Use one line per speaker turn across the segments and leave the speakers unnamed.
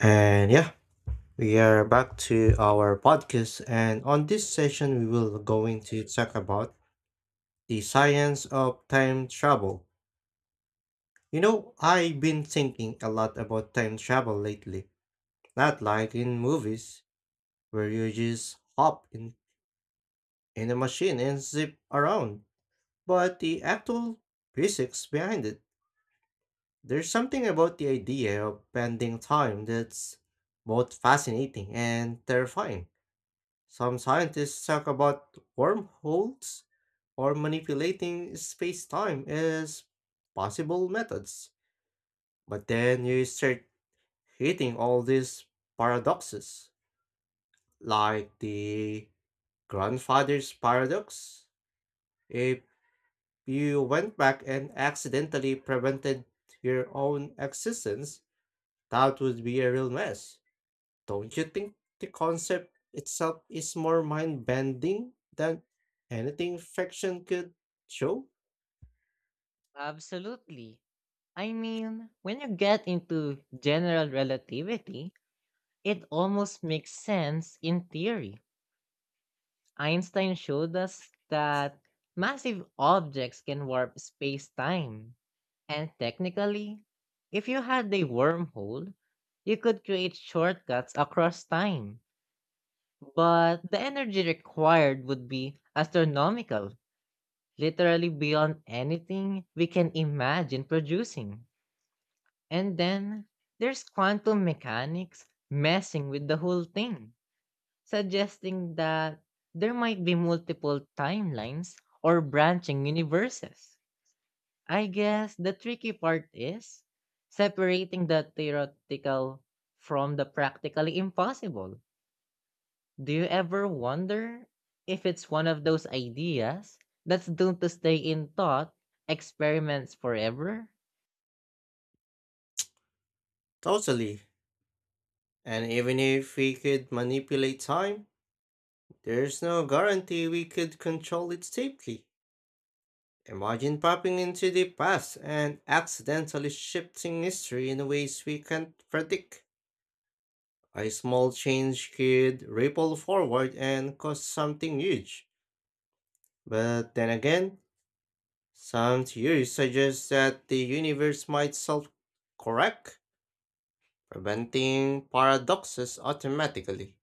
And yeah, we are back to our podcast. And on this session, we will going to talk about the science of time travel. You know, I've been thinking a lot about time travel lately. Not like in movies where you just hop in a machine and zip around, but the actual physics behind it. There's something about the idea of bending time that's both fascinating and terrifying. Some scientists talk about wormholes or manipulating space-time as possible methods. But then you start hitting all these paradoxes, like the grandfather's paradox. If you went back and accidentally prevented your own existence, that would be a real mess. Don't you think the concept itself is more mind bending than anything fiction could show?
Absolutely. I mean, when you get into general relativity, it almost makes sense in theory. Einstein showed us that massive objects can warp space time. And technically, if you had a wormhole, you could create shortcuts across time. But the energy required would be astronomical, literally beyond anything we can imagine producing. And then there's quantum mechanics messing with the whole thing, suggesting that there might be multiple timelines or branching universes. I guess the tricky part is separating the theoretical from the practically impossible. Do you ever wonder if it's one of those ideas that's doomed to stay in thought experiments forever?
Totally. And even if we could manipulate time, there's no guarantee we could control it safely. Imagine popping into the past and accidentally shifting history in ways we can't predict. A small change could ripple forward and cause something huge. But then again, some theories suggest that the universe might self correct, preventing paradoxes automatically.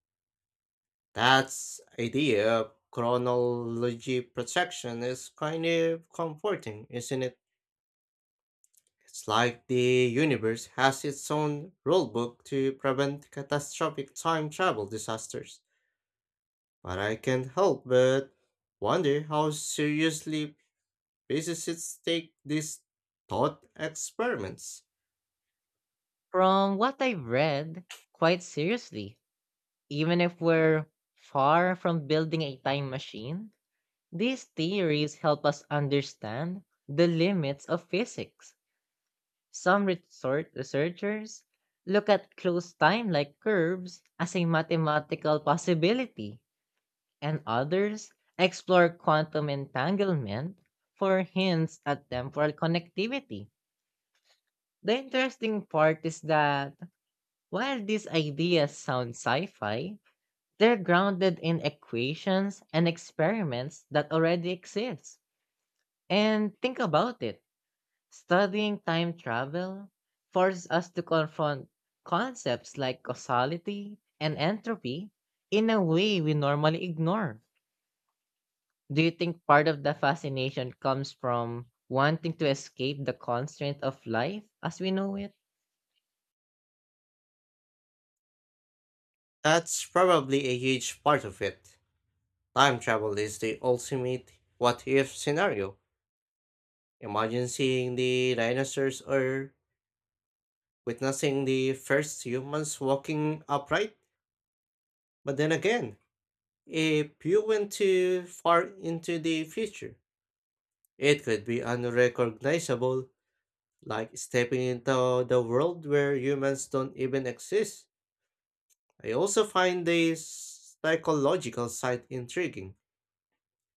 That idea of chronology protection is kind of comforting, isn't it? It's like the universe has its own rulebook to prevent catastrophic time travel disasters. But I can't help but wonder how seriously physicists take these thought experiments.
From what I've read, quite seriously, even if we're far from building a time machine, these theories help us understand the limits of physics. Some resort researchers look at closed time-like curves as a mathematical possibility, and others explore quantum entanglement for hints at temporal connectivity. The interesting part is that while these ideas sound sci fi, they're grounded in equations and experiments that already exist. And think about it, studying time travel forces us to confront concepts like causality and entropy in a way we normally ignore. Do you think part of the fascination comes from wanting to escape the constraint of life as we know it?
That's probably a huge part of it. Time travel is the ultimate what if scenario. Imagine seeing the dinosaurs or witnessing the first humans walking upright. But then again, if you went too far into the future, it could be unrecognizable, like stepping into the world where humans don't even exist. I also find the psychological side intriguing.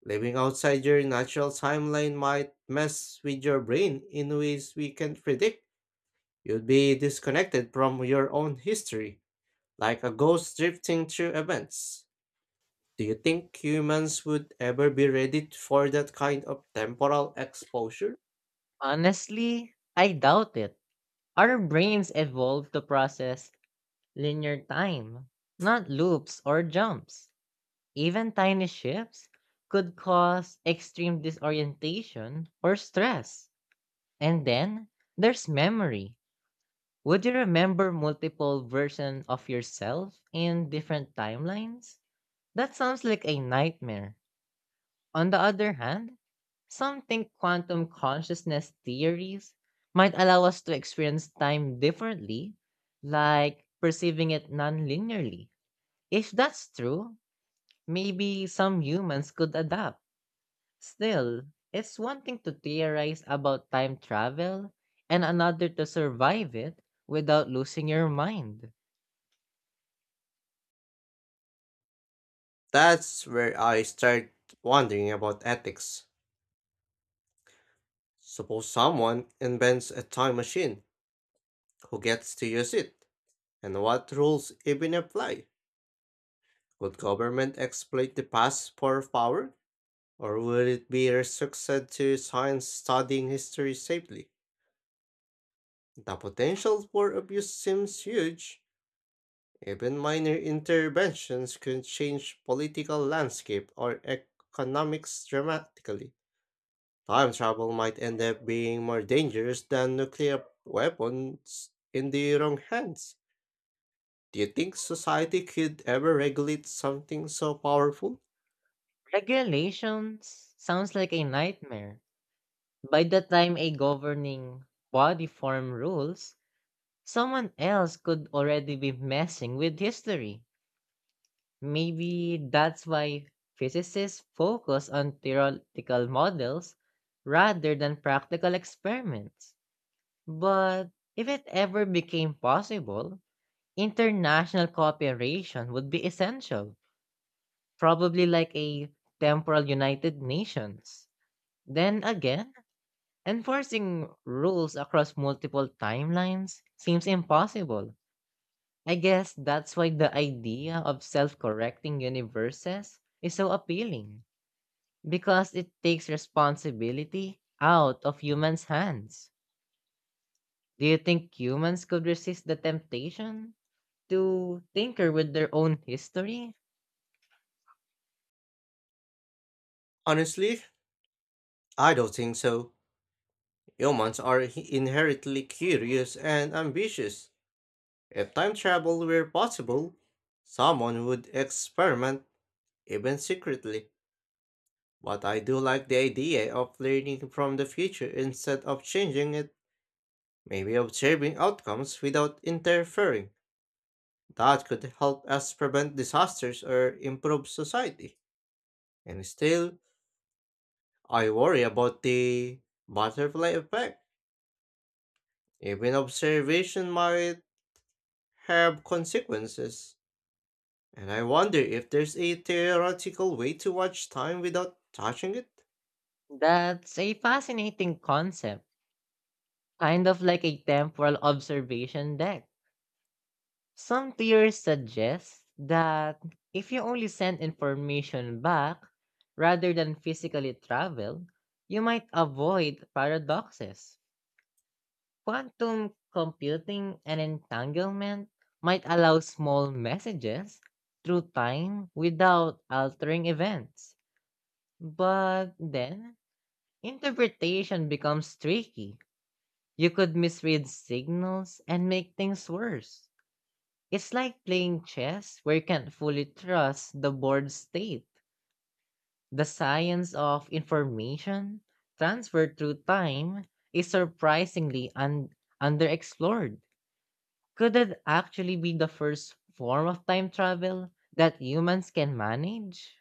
Living outside your natural timeline might mess with your brain in ways we can't predict. You'd be disconnected from your own history, like a ghost drifting through events. Do you think humans would ever be ready for that kind of temporal exposure?
Honestly, I doubt it. Our brains evolved to process linear time, not loops or jumps. Even tiny shifts could cause extreme disorientation or stress. And then there's memory. Would you remember multiple versions of yourself in different timelines? That sounds like a nightmare. On the other hand, some think quantum consciousness theories might allow us to experience time differently, like perceiving it non linearly. If that's true, maybe some humans could adapt. Still, it's one thing to theorize about time travel and another to survive it without losing your mind.
That's where I start wondering about ethics. Suppose someone invents a time machine, who gets to use it, and what rules even apply? Would government exploit the past for power? Or would it be restricted to science studying history safely? The potential for abuse seems huge. Even minor interventions could change political landscape or economics dramatically. Time travel might end up being more dangerous than nuclear weapons in the wrong hands. Do you think society could ever regulate something so powerful?
Regulations sounds like a nightmare. By the time a governing body form rules, someone else could already be messing with history. Maybe that's why physicists focus on theoretical models rather than practical experiments. But if it ever became possible, international cooperation would be essential, probably like a temporal United Nations. Then again, enforcing rules across multiple timelines seems impossible. I guess that's why the idea of self correcting universes is so appealing. Because it takes responsibility out of humans' hands. Do you think humans could resist the temptation to tinker with their own history?
Honestly, I don't think so. Humans are inherently curious and ambitious. If time travel were possible, someone would experiment, even secretly. But I do like the idea of learning from the future instead of changing it, maybe observing outcomes without interfering. That could help us prevent disasters or improve society. And still, I worry about the butterfly effect. Even observation might have consequences. And I wonder if there's a theoretical way to watch time without touching it?
That's a fascinating concept, kind of like a temporal observation deck. Some theories suggest that if you only send information back rather than physically travel, you might avoid paradoxes. Quantum computing and entanglement might allow small messages through time without altering events. But then, interpretation becomes tricky. You could misread signals and make things worse. It's like playing chess where you can't fully trust the board state. The science of information transfer through time is surprisingly underexplored. Could it actually be the first form of time travel that humans can manage?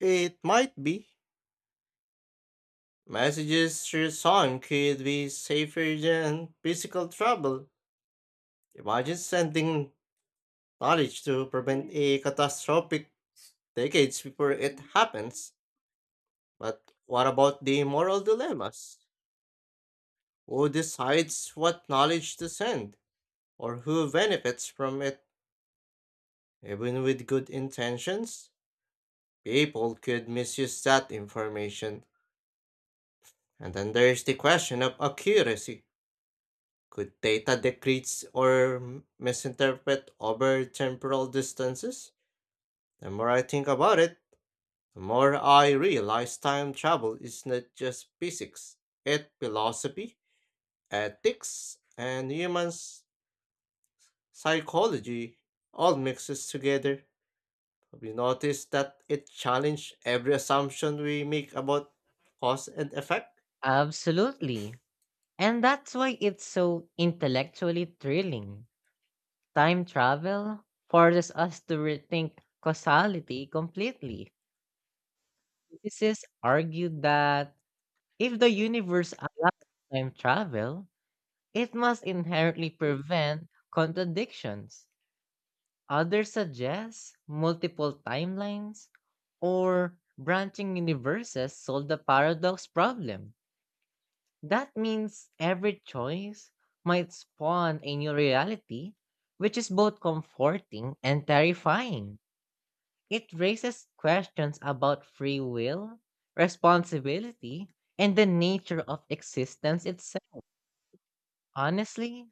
It might be. Messages through song could be safer than physical travel. Imagine sending knowledge to prevent a catastrophic decades before it happens. But what about the moral dilemmas? Who decides what knowledge to send? Or who benefits from it? Even with good intentions, people could misuse that information. And then there's the question of accuracy. Could data decrease or misinterpret over temporal distances? The more I think about it, the more I realize time travel is not just physics, it's philosophy, ethics, and psychology all mixes together. Have you noticed that it challenges every assumption we make about cause and effect?
Absolutely. And that's why it's so intellectually thrilling. Time travel forces us to rethink causality completely. Physicists argued that if the universe had time travel, it must inherently prevent contradictions. Others suggest multiple timelines or branching universes solve the paradox problem. That means every choice might spawn a new reality, which is both comforting and terrifying. It raises questions about free will, responsibility, and the nature of existence itself. Honestly,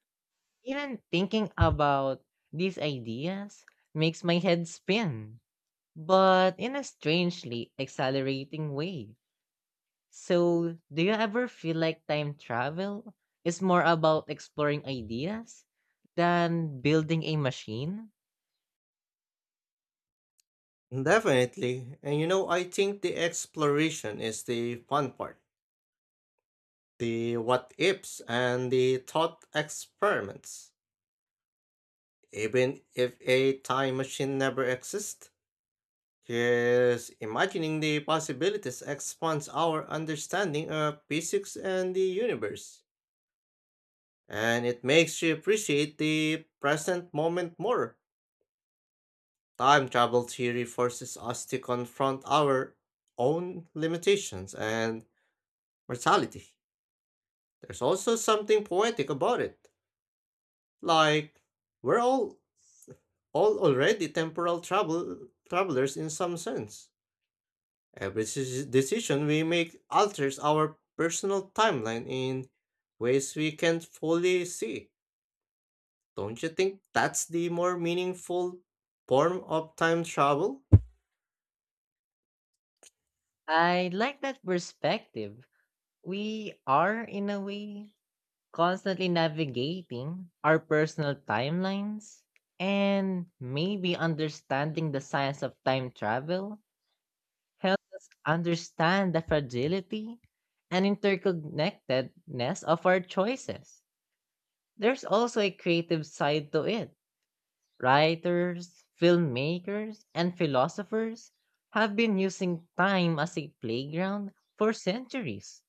even thinking about these ideas makes my head spin but in a strangely accelerating way. So, do you ever feel like time travel is more about exploring ideas than building a machine?
Definitely. And you know, I think the exploration is the fun part. The what ifs and the thought experiments. Even if a time machine never exists, just imagining the possibilities expands our understanding of physics and the universe. And it makes you appreciate the present moment more. Time travel theory forces us to confront our own limitations and mortality. There's also something poetic about it. Like, we're all already temporal travelers in some sense. Every decision we make alters our personal timeline in ways we can't fully see. Don't you think that's the more meaningful form of time travel?
I like that perspective. We are, in a way, constantly navigating our personal timelines, and maybe understanding the science of time travel helps us understand the fragility and interconnectedness of our choices. There's also a creative side to it. Writers, filmmakers, and philosophers have been using time as a playground for centuries.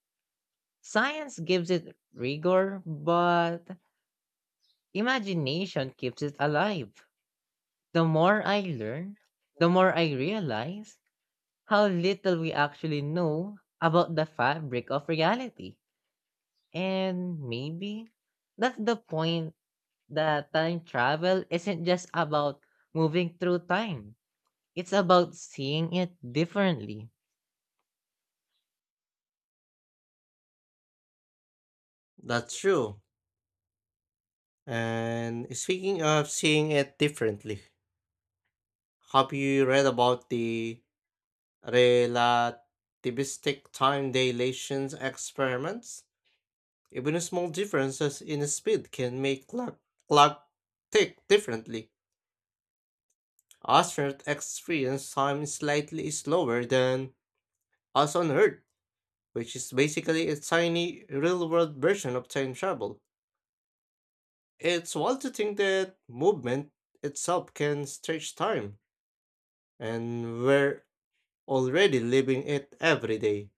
Science gives it rigor, but imagination keeps it alive. The more I learn, the more I realize how little we actually know about the fabric of reality. And maybe that's the point, that time travel isn't just about moving through time, it's about seeing it differently.
That's true. And speaking of seeing it differently, have you read about the relativistic time dilation experiments, even a small differences in speed can make clock tick differently. Astronauts experience time slightly slower than us on Earth, which is basically a tiny real-world version of time travel. It's wild to think that movement itself can stretch time, and we're already living it every day,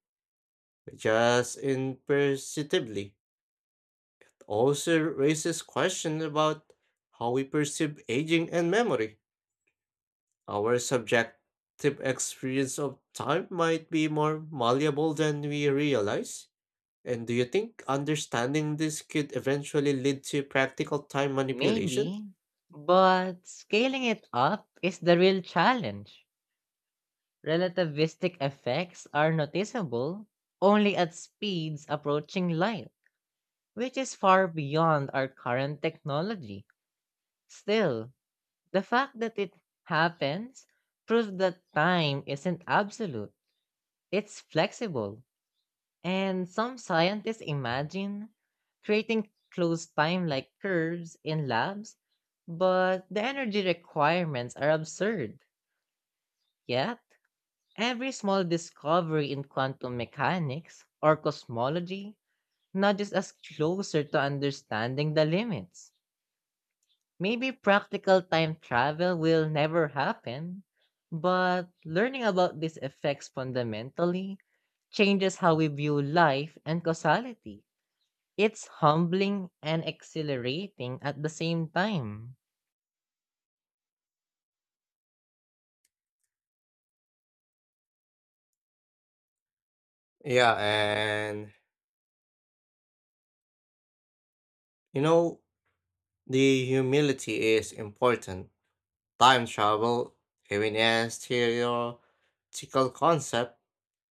just imperceptibly. Also raises questions about how we perceive aging and memory. Our subjective experience of time might be more malleable than we realize. And do you think understanding this could eventually lead to practical time manipulation?
Maybe, but scaling it up is the real challenge. Relativistic effects are noticeable only at speeds approaching light, which is far beyond our current technology. Still, the fact that it happens proves that time isn't absolute, it's flexible. And some scientists imagine creating closed time like curves in labs, but the energy requirements are absurd. Yet, every small discovery in quantum mechanics or cosmology nudges us closer to understanding the limits. Maybe practical time travel will never happen, but learning about these effects fundamentally changes how we view life and causality. It's humbling and exhilarating at the same time.
Yeah, and you know, the humility is important. Time travel, even as theoretical concept,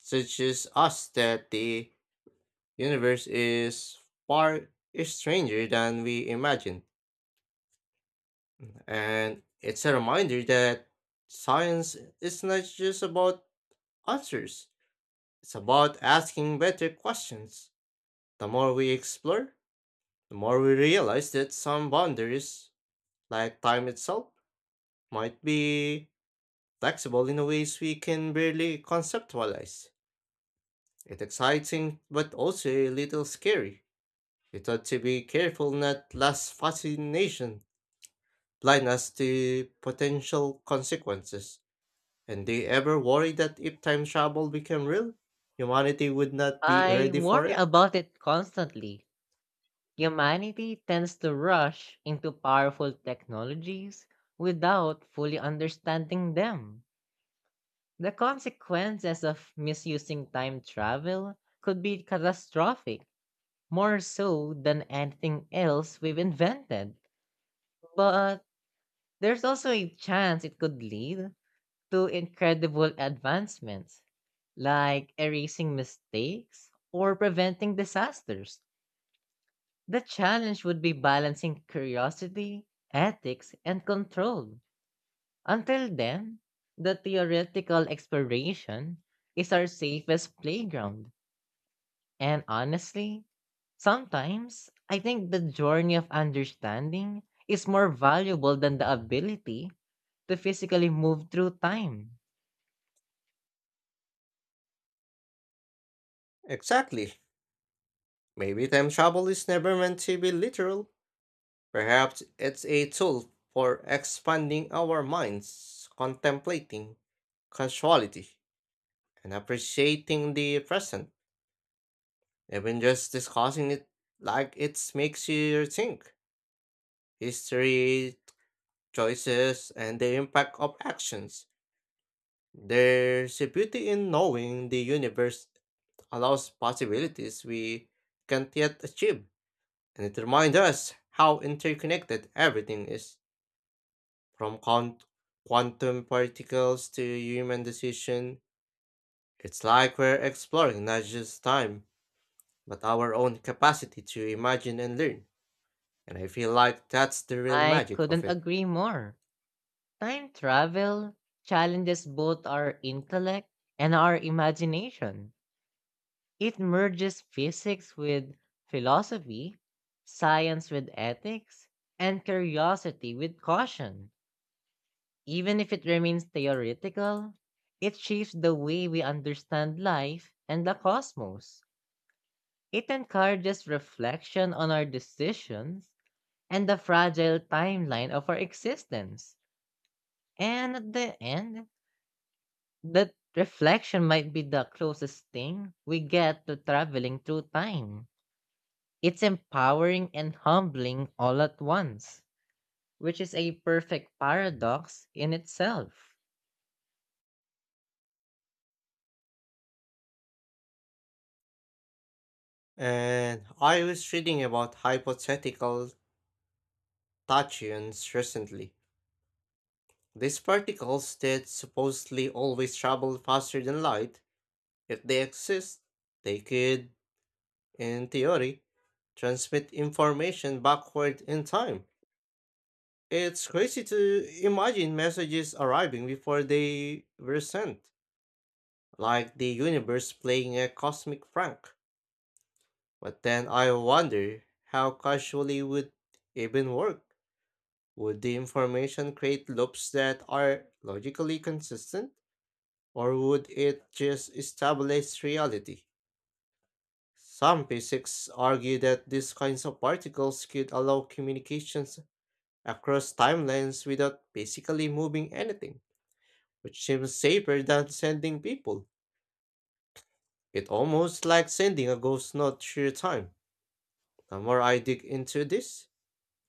teaches us that the universe is far stranger than we imagine. And it's a reminder that science is not just about answers, it's about asking better questions. The more we explore, the more we realize that some boundaries, like time itself, might be flexible in ways we can barely conceptualize. It's exciting, but also a little scary. It ought to be careful not last fascination blind us to potential consequences. And do you ever worry that if time travel became real, humanity would not be
I
ready for
worry
it?
about it constantly. Humanity tends to rush into powerful technologies without fully understanding them. The consequences of misusing time travel could be catastrophic, more so than anything else we've invented. But there's also a chance it could lead to incredible advancements, like erasing mistakes or preventing disasters. The challenge would be balancing curiosity, ethics, and control. Until then, the theoretical exploration is our safest playground. And honestly, sometimes I think the journey of understanding is more valuable than the ability to physically move through time.
Exactly. Maybe time travel is never meant to be literal. Perhaps it's a tool for expanding our minds, contemplating causality, and appreciating the present. Even just discussing it like it makes you think. History, choices, and the impact of actions. There's a beauty in knowing the universe allows possibilities we can't yet achieve, and it reminds us how interconnected everything is. From quantum particles to human decision, it's like we're exploring not just time, but our own capacity to imagine and learn. And I feel like that's the real
I
magic of
couldn't
it.
agree more. Time travel challenges both our intellect and our imagination. It merges physics with philosophy, science with ethics, and curiosity with caution. Even if it remains theoretical, it shapes the way we understand life and the cosmos. It encourages reflection on our decisions and the fragile timeline of our existence. And at the end, that reflection might be the closest thing we get to traveling through time. It's empowering and humbling all at once, which is a perfect paradox in itself.
And I was reading about hypothetical tachyons recently. These particles that supposedly always travel faster than light, if they exist, they could, in theory, transmit information backward in time. It's crazy to imagine messages arriving before they were sent, like the universe playing a cosmic prank. But then I wonder how casually would even work? Would the information create loops that are logically consistent, or would it just establish reality? Some physicists argue that these kinds of particles could allow communications across timelines without basically moving anything, which seems safer than sending people. It almost like sending a ghost note through time. The more I dig into this,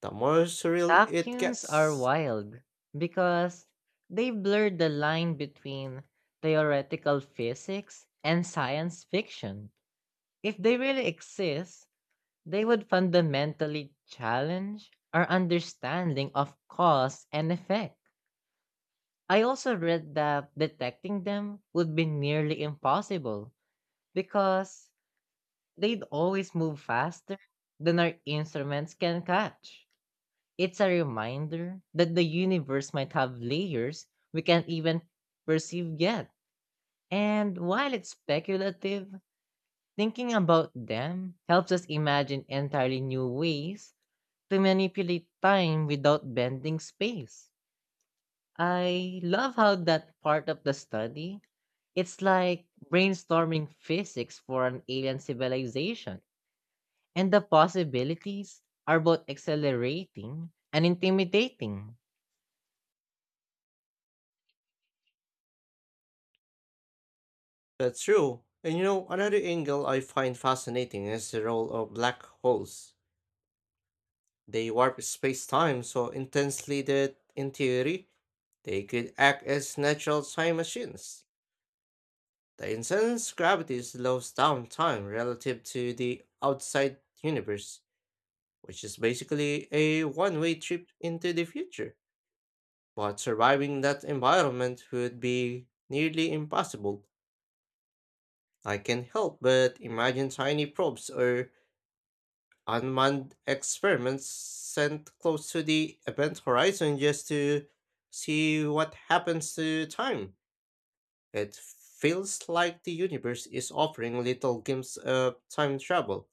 the more surreal it
Vacuums are
gets.
wild because they blur the line between theoretical physics and science fiction. If they really exist, they would fundamentally challenge our understanding of cause and effect. I also read that detecting them would be nearly impossible because they'd always move faster than our instruments can catch. It's a reminder that the universe might have layers we can't even perceive yet. And while it's speculative, thinking about them helps us imagine entirely new ways to manipulate time without bending space. I love how that part of the study, it's like brainstorming physics for an alien civilization. And the possibilities are both accelerating and intimidating.
That's true. And you know, another angle I find fascinating is the role of black holes. They warp space time so intensely that, in theory, they could act as natural time machines. The intense gravity slows down time relative to the outside universe, which is basically a one way trip into the future. But surviving that environment would be nearly impossible. I can help but imagine tiny probes or unmanned experiments sent close to the event horizon just to see what happens to time. It feels like the universe is offering little glimpses of time travel,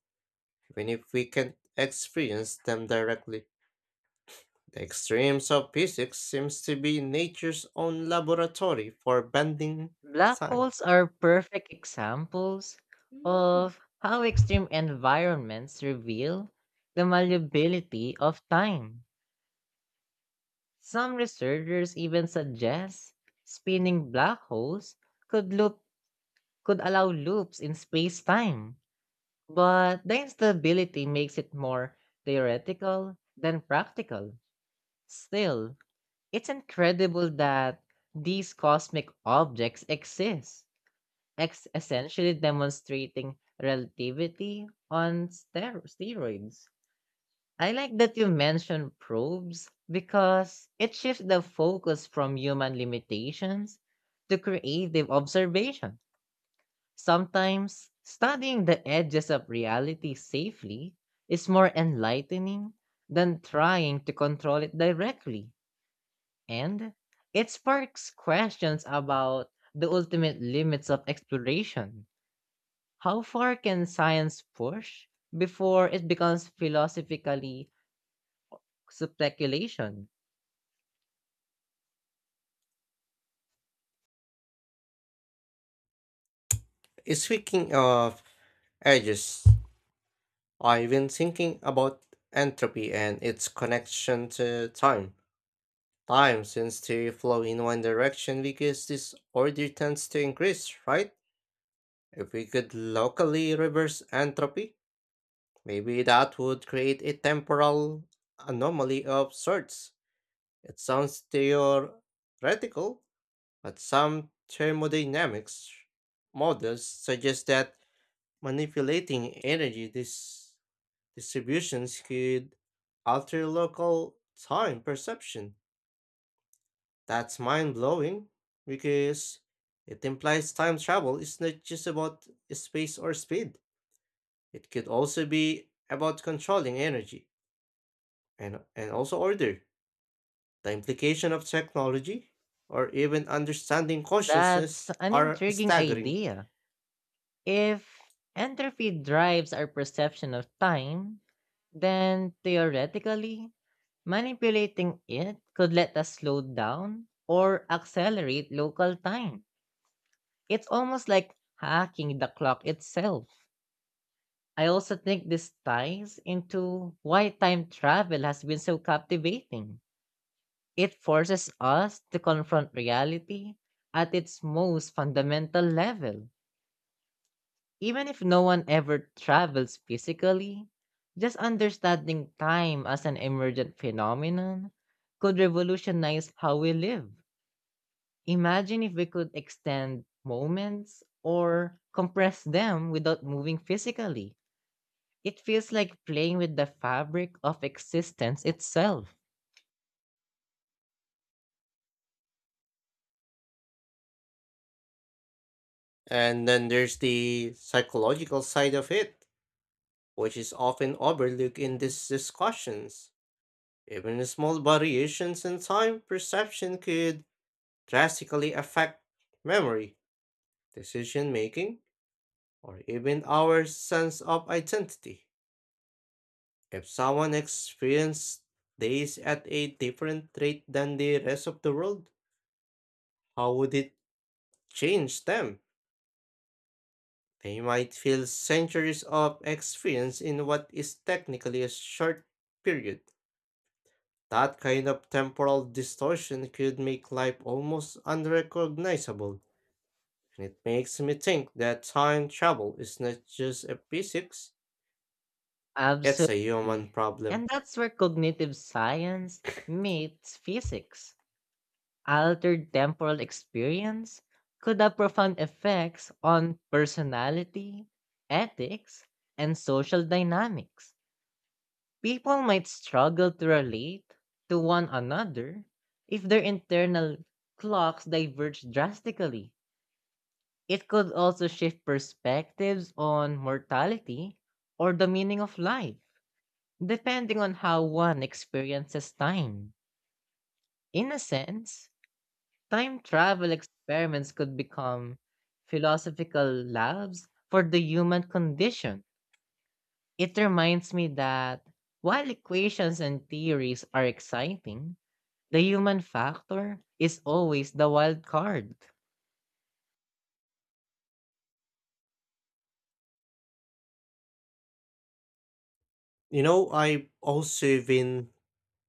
even if we can't experience them directly. The extremes of physics seems to be nature's own laboratory for bending
Black
time.
holes are perfect examples of how extreme environments reveal the malleability of time. Some researchers even suggest spinning black holes could loop could allow loops in space-time, but the instability makes it more theoretical than practical. Still, it's incredible that these cosmic objects exist, Ex essentially demonstrating relativity on steroids. I like that you mentioned probes because it shifts the focus from human limitations to creative observation. Sometimes studying the edges of reality safely is more enlightening than trying to control it directly. And it sparks questions about the ultimate limits of exploration. How far can science push before it becomes philosophically speculation?
Speaking of edges, I've been thinking about entropy and its connection to time. Time seems to flow in one direction because this order tends to increase, right? If we could locally reverse entropy, maybe that would create a temporal anomaly of sorts. It sounds theoretical, but some thermodynamics models suggest that manipulating energy this distributions could alter local time perception. That's mind blowing because it implies time travel is not just about space or speed. It could also be about controlling energy and also order. The implication of technology or even understanding
That's
consciousness
an
are
intriguing
staggering.
idea. If entropy drives our perception of time, then theoretically, manipulating it could let us slow down or accelerate local time. It's almost like hacking the clock itself. I also think this ties into why time travel has been so captivating. It forces us to confront reality at its most fundamental level. Even if no one ever travels physically, just understanding time as an emergent phenomenon could revolutionize how we live. Imagine if we could extend moments or compress them without moving physically. It feels like playing with the fabric of existence itself.
And then there's the psychological side of it, which is often overlooked in these discussions. Even small variations in time perception could drastically affect memory, decision making, or even our sense of identity. If someone experienced days at a different rate than the rest of the world, how would it change them? They might feel centuries of experience in what is technically a short period. That kind of temporal distortion could make life almost unrecognizable and it makes me think that time travel is not just a physics, it's a human
Absolutely.
problem.
And that's where cognitive science meets physics. Altered temporal experience could have profound effects on personality, ethics, and social dynamics. People might struggle to relate to one another if their internal clocks diverge drastically. It could also shift perspectives on mortality or the meaning of life, depending on how one experiences time. In a sense, time travel experiments could become philosophical labs for the human condition. It reminds me that while equations and theories are exciting, the human factor is always the wild card.
You know, I've also been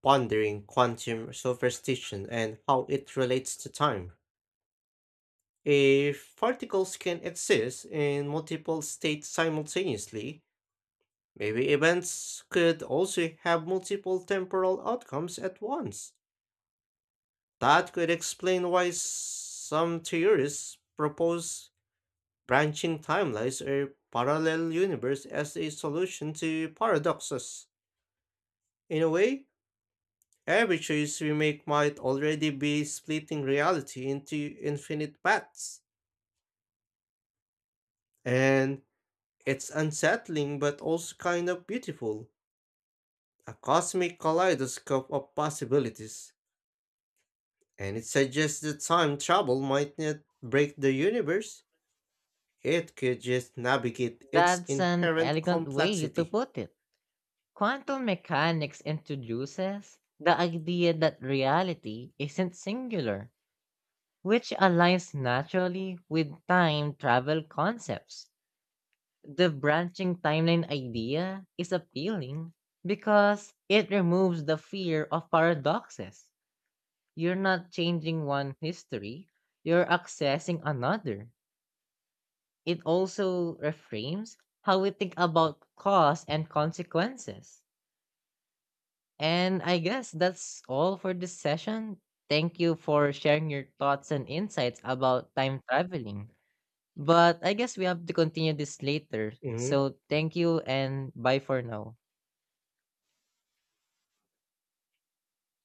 pondering quantum superstition and how it relates to time. If particles can exist in multiple states simultaneously, maybe events could also have multiple temporal outcomes at once. That could explain why some theories propose branching timelines or parallel universe as a solution to paradoxes. In a way, every choice we make might already be splitting reality into infinite paths. And it's unsettling but also kind of beautiful. A cosmic kaleidoscope of possibilities. And it suggests that time travel might not break the universe, it could just navigate its
That's an
inherent
elegant way to
complexity.
put it. Quantum mechanics introduces the idea that reality isn't singular, which aligns naturally with time travel concepts. The branching timeline idea is appealing because it removes the fear of paradoxes. You're not changing one history, you're accessing another. It also reframes how we think about cause and consequences. And I guess that's all for this session. Thank you for sharing your thoughts and insights about time traveling. But I guess we have to continue this later.
Hmm.
So thank you and bye for now.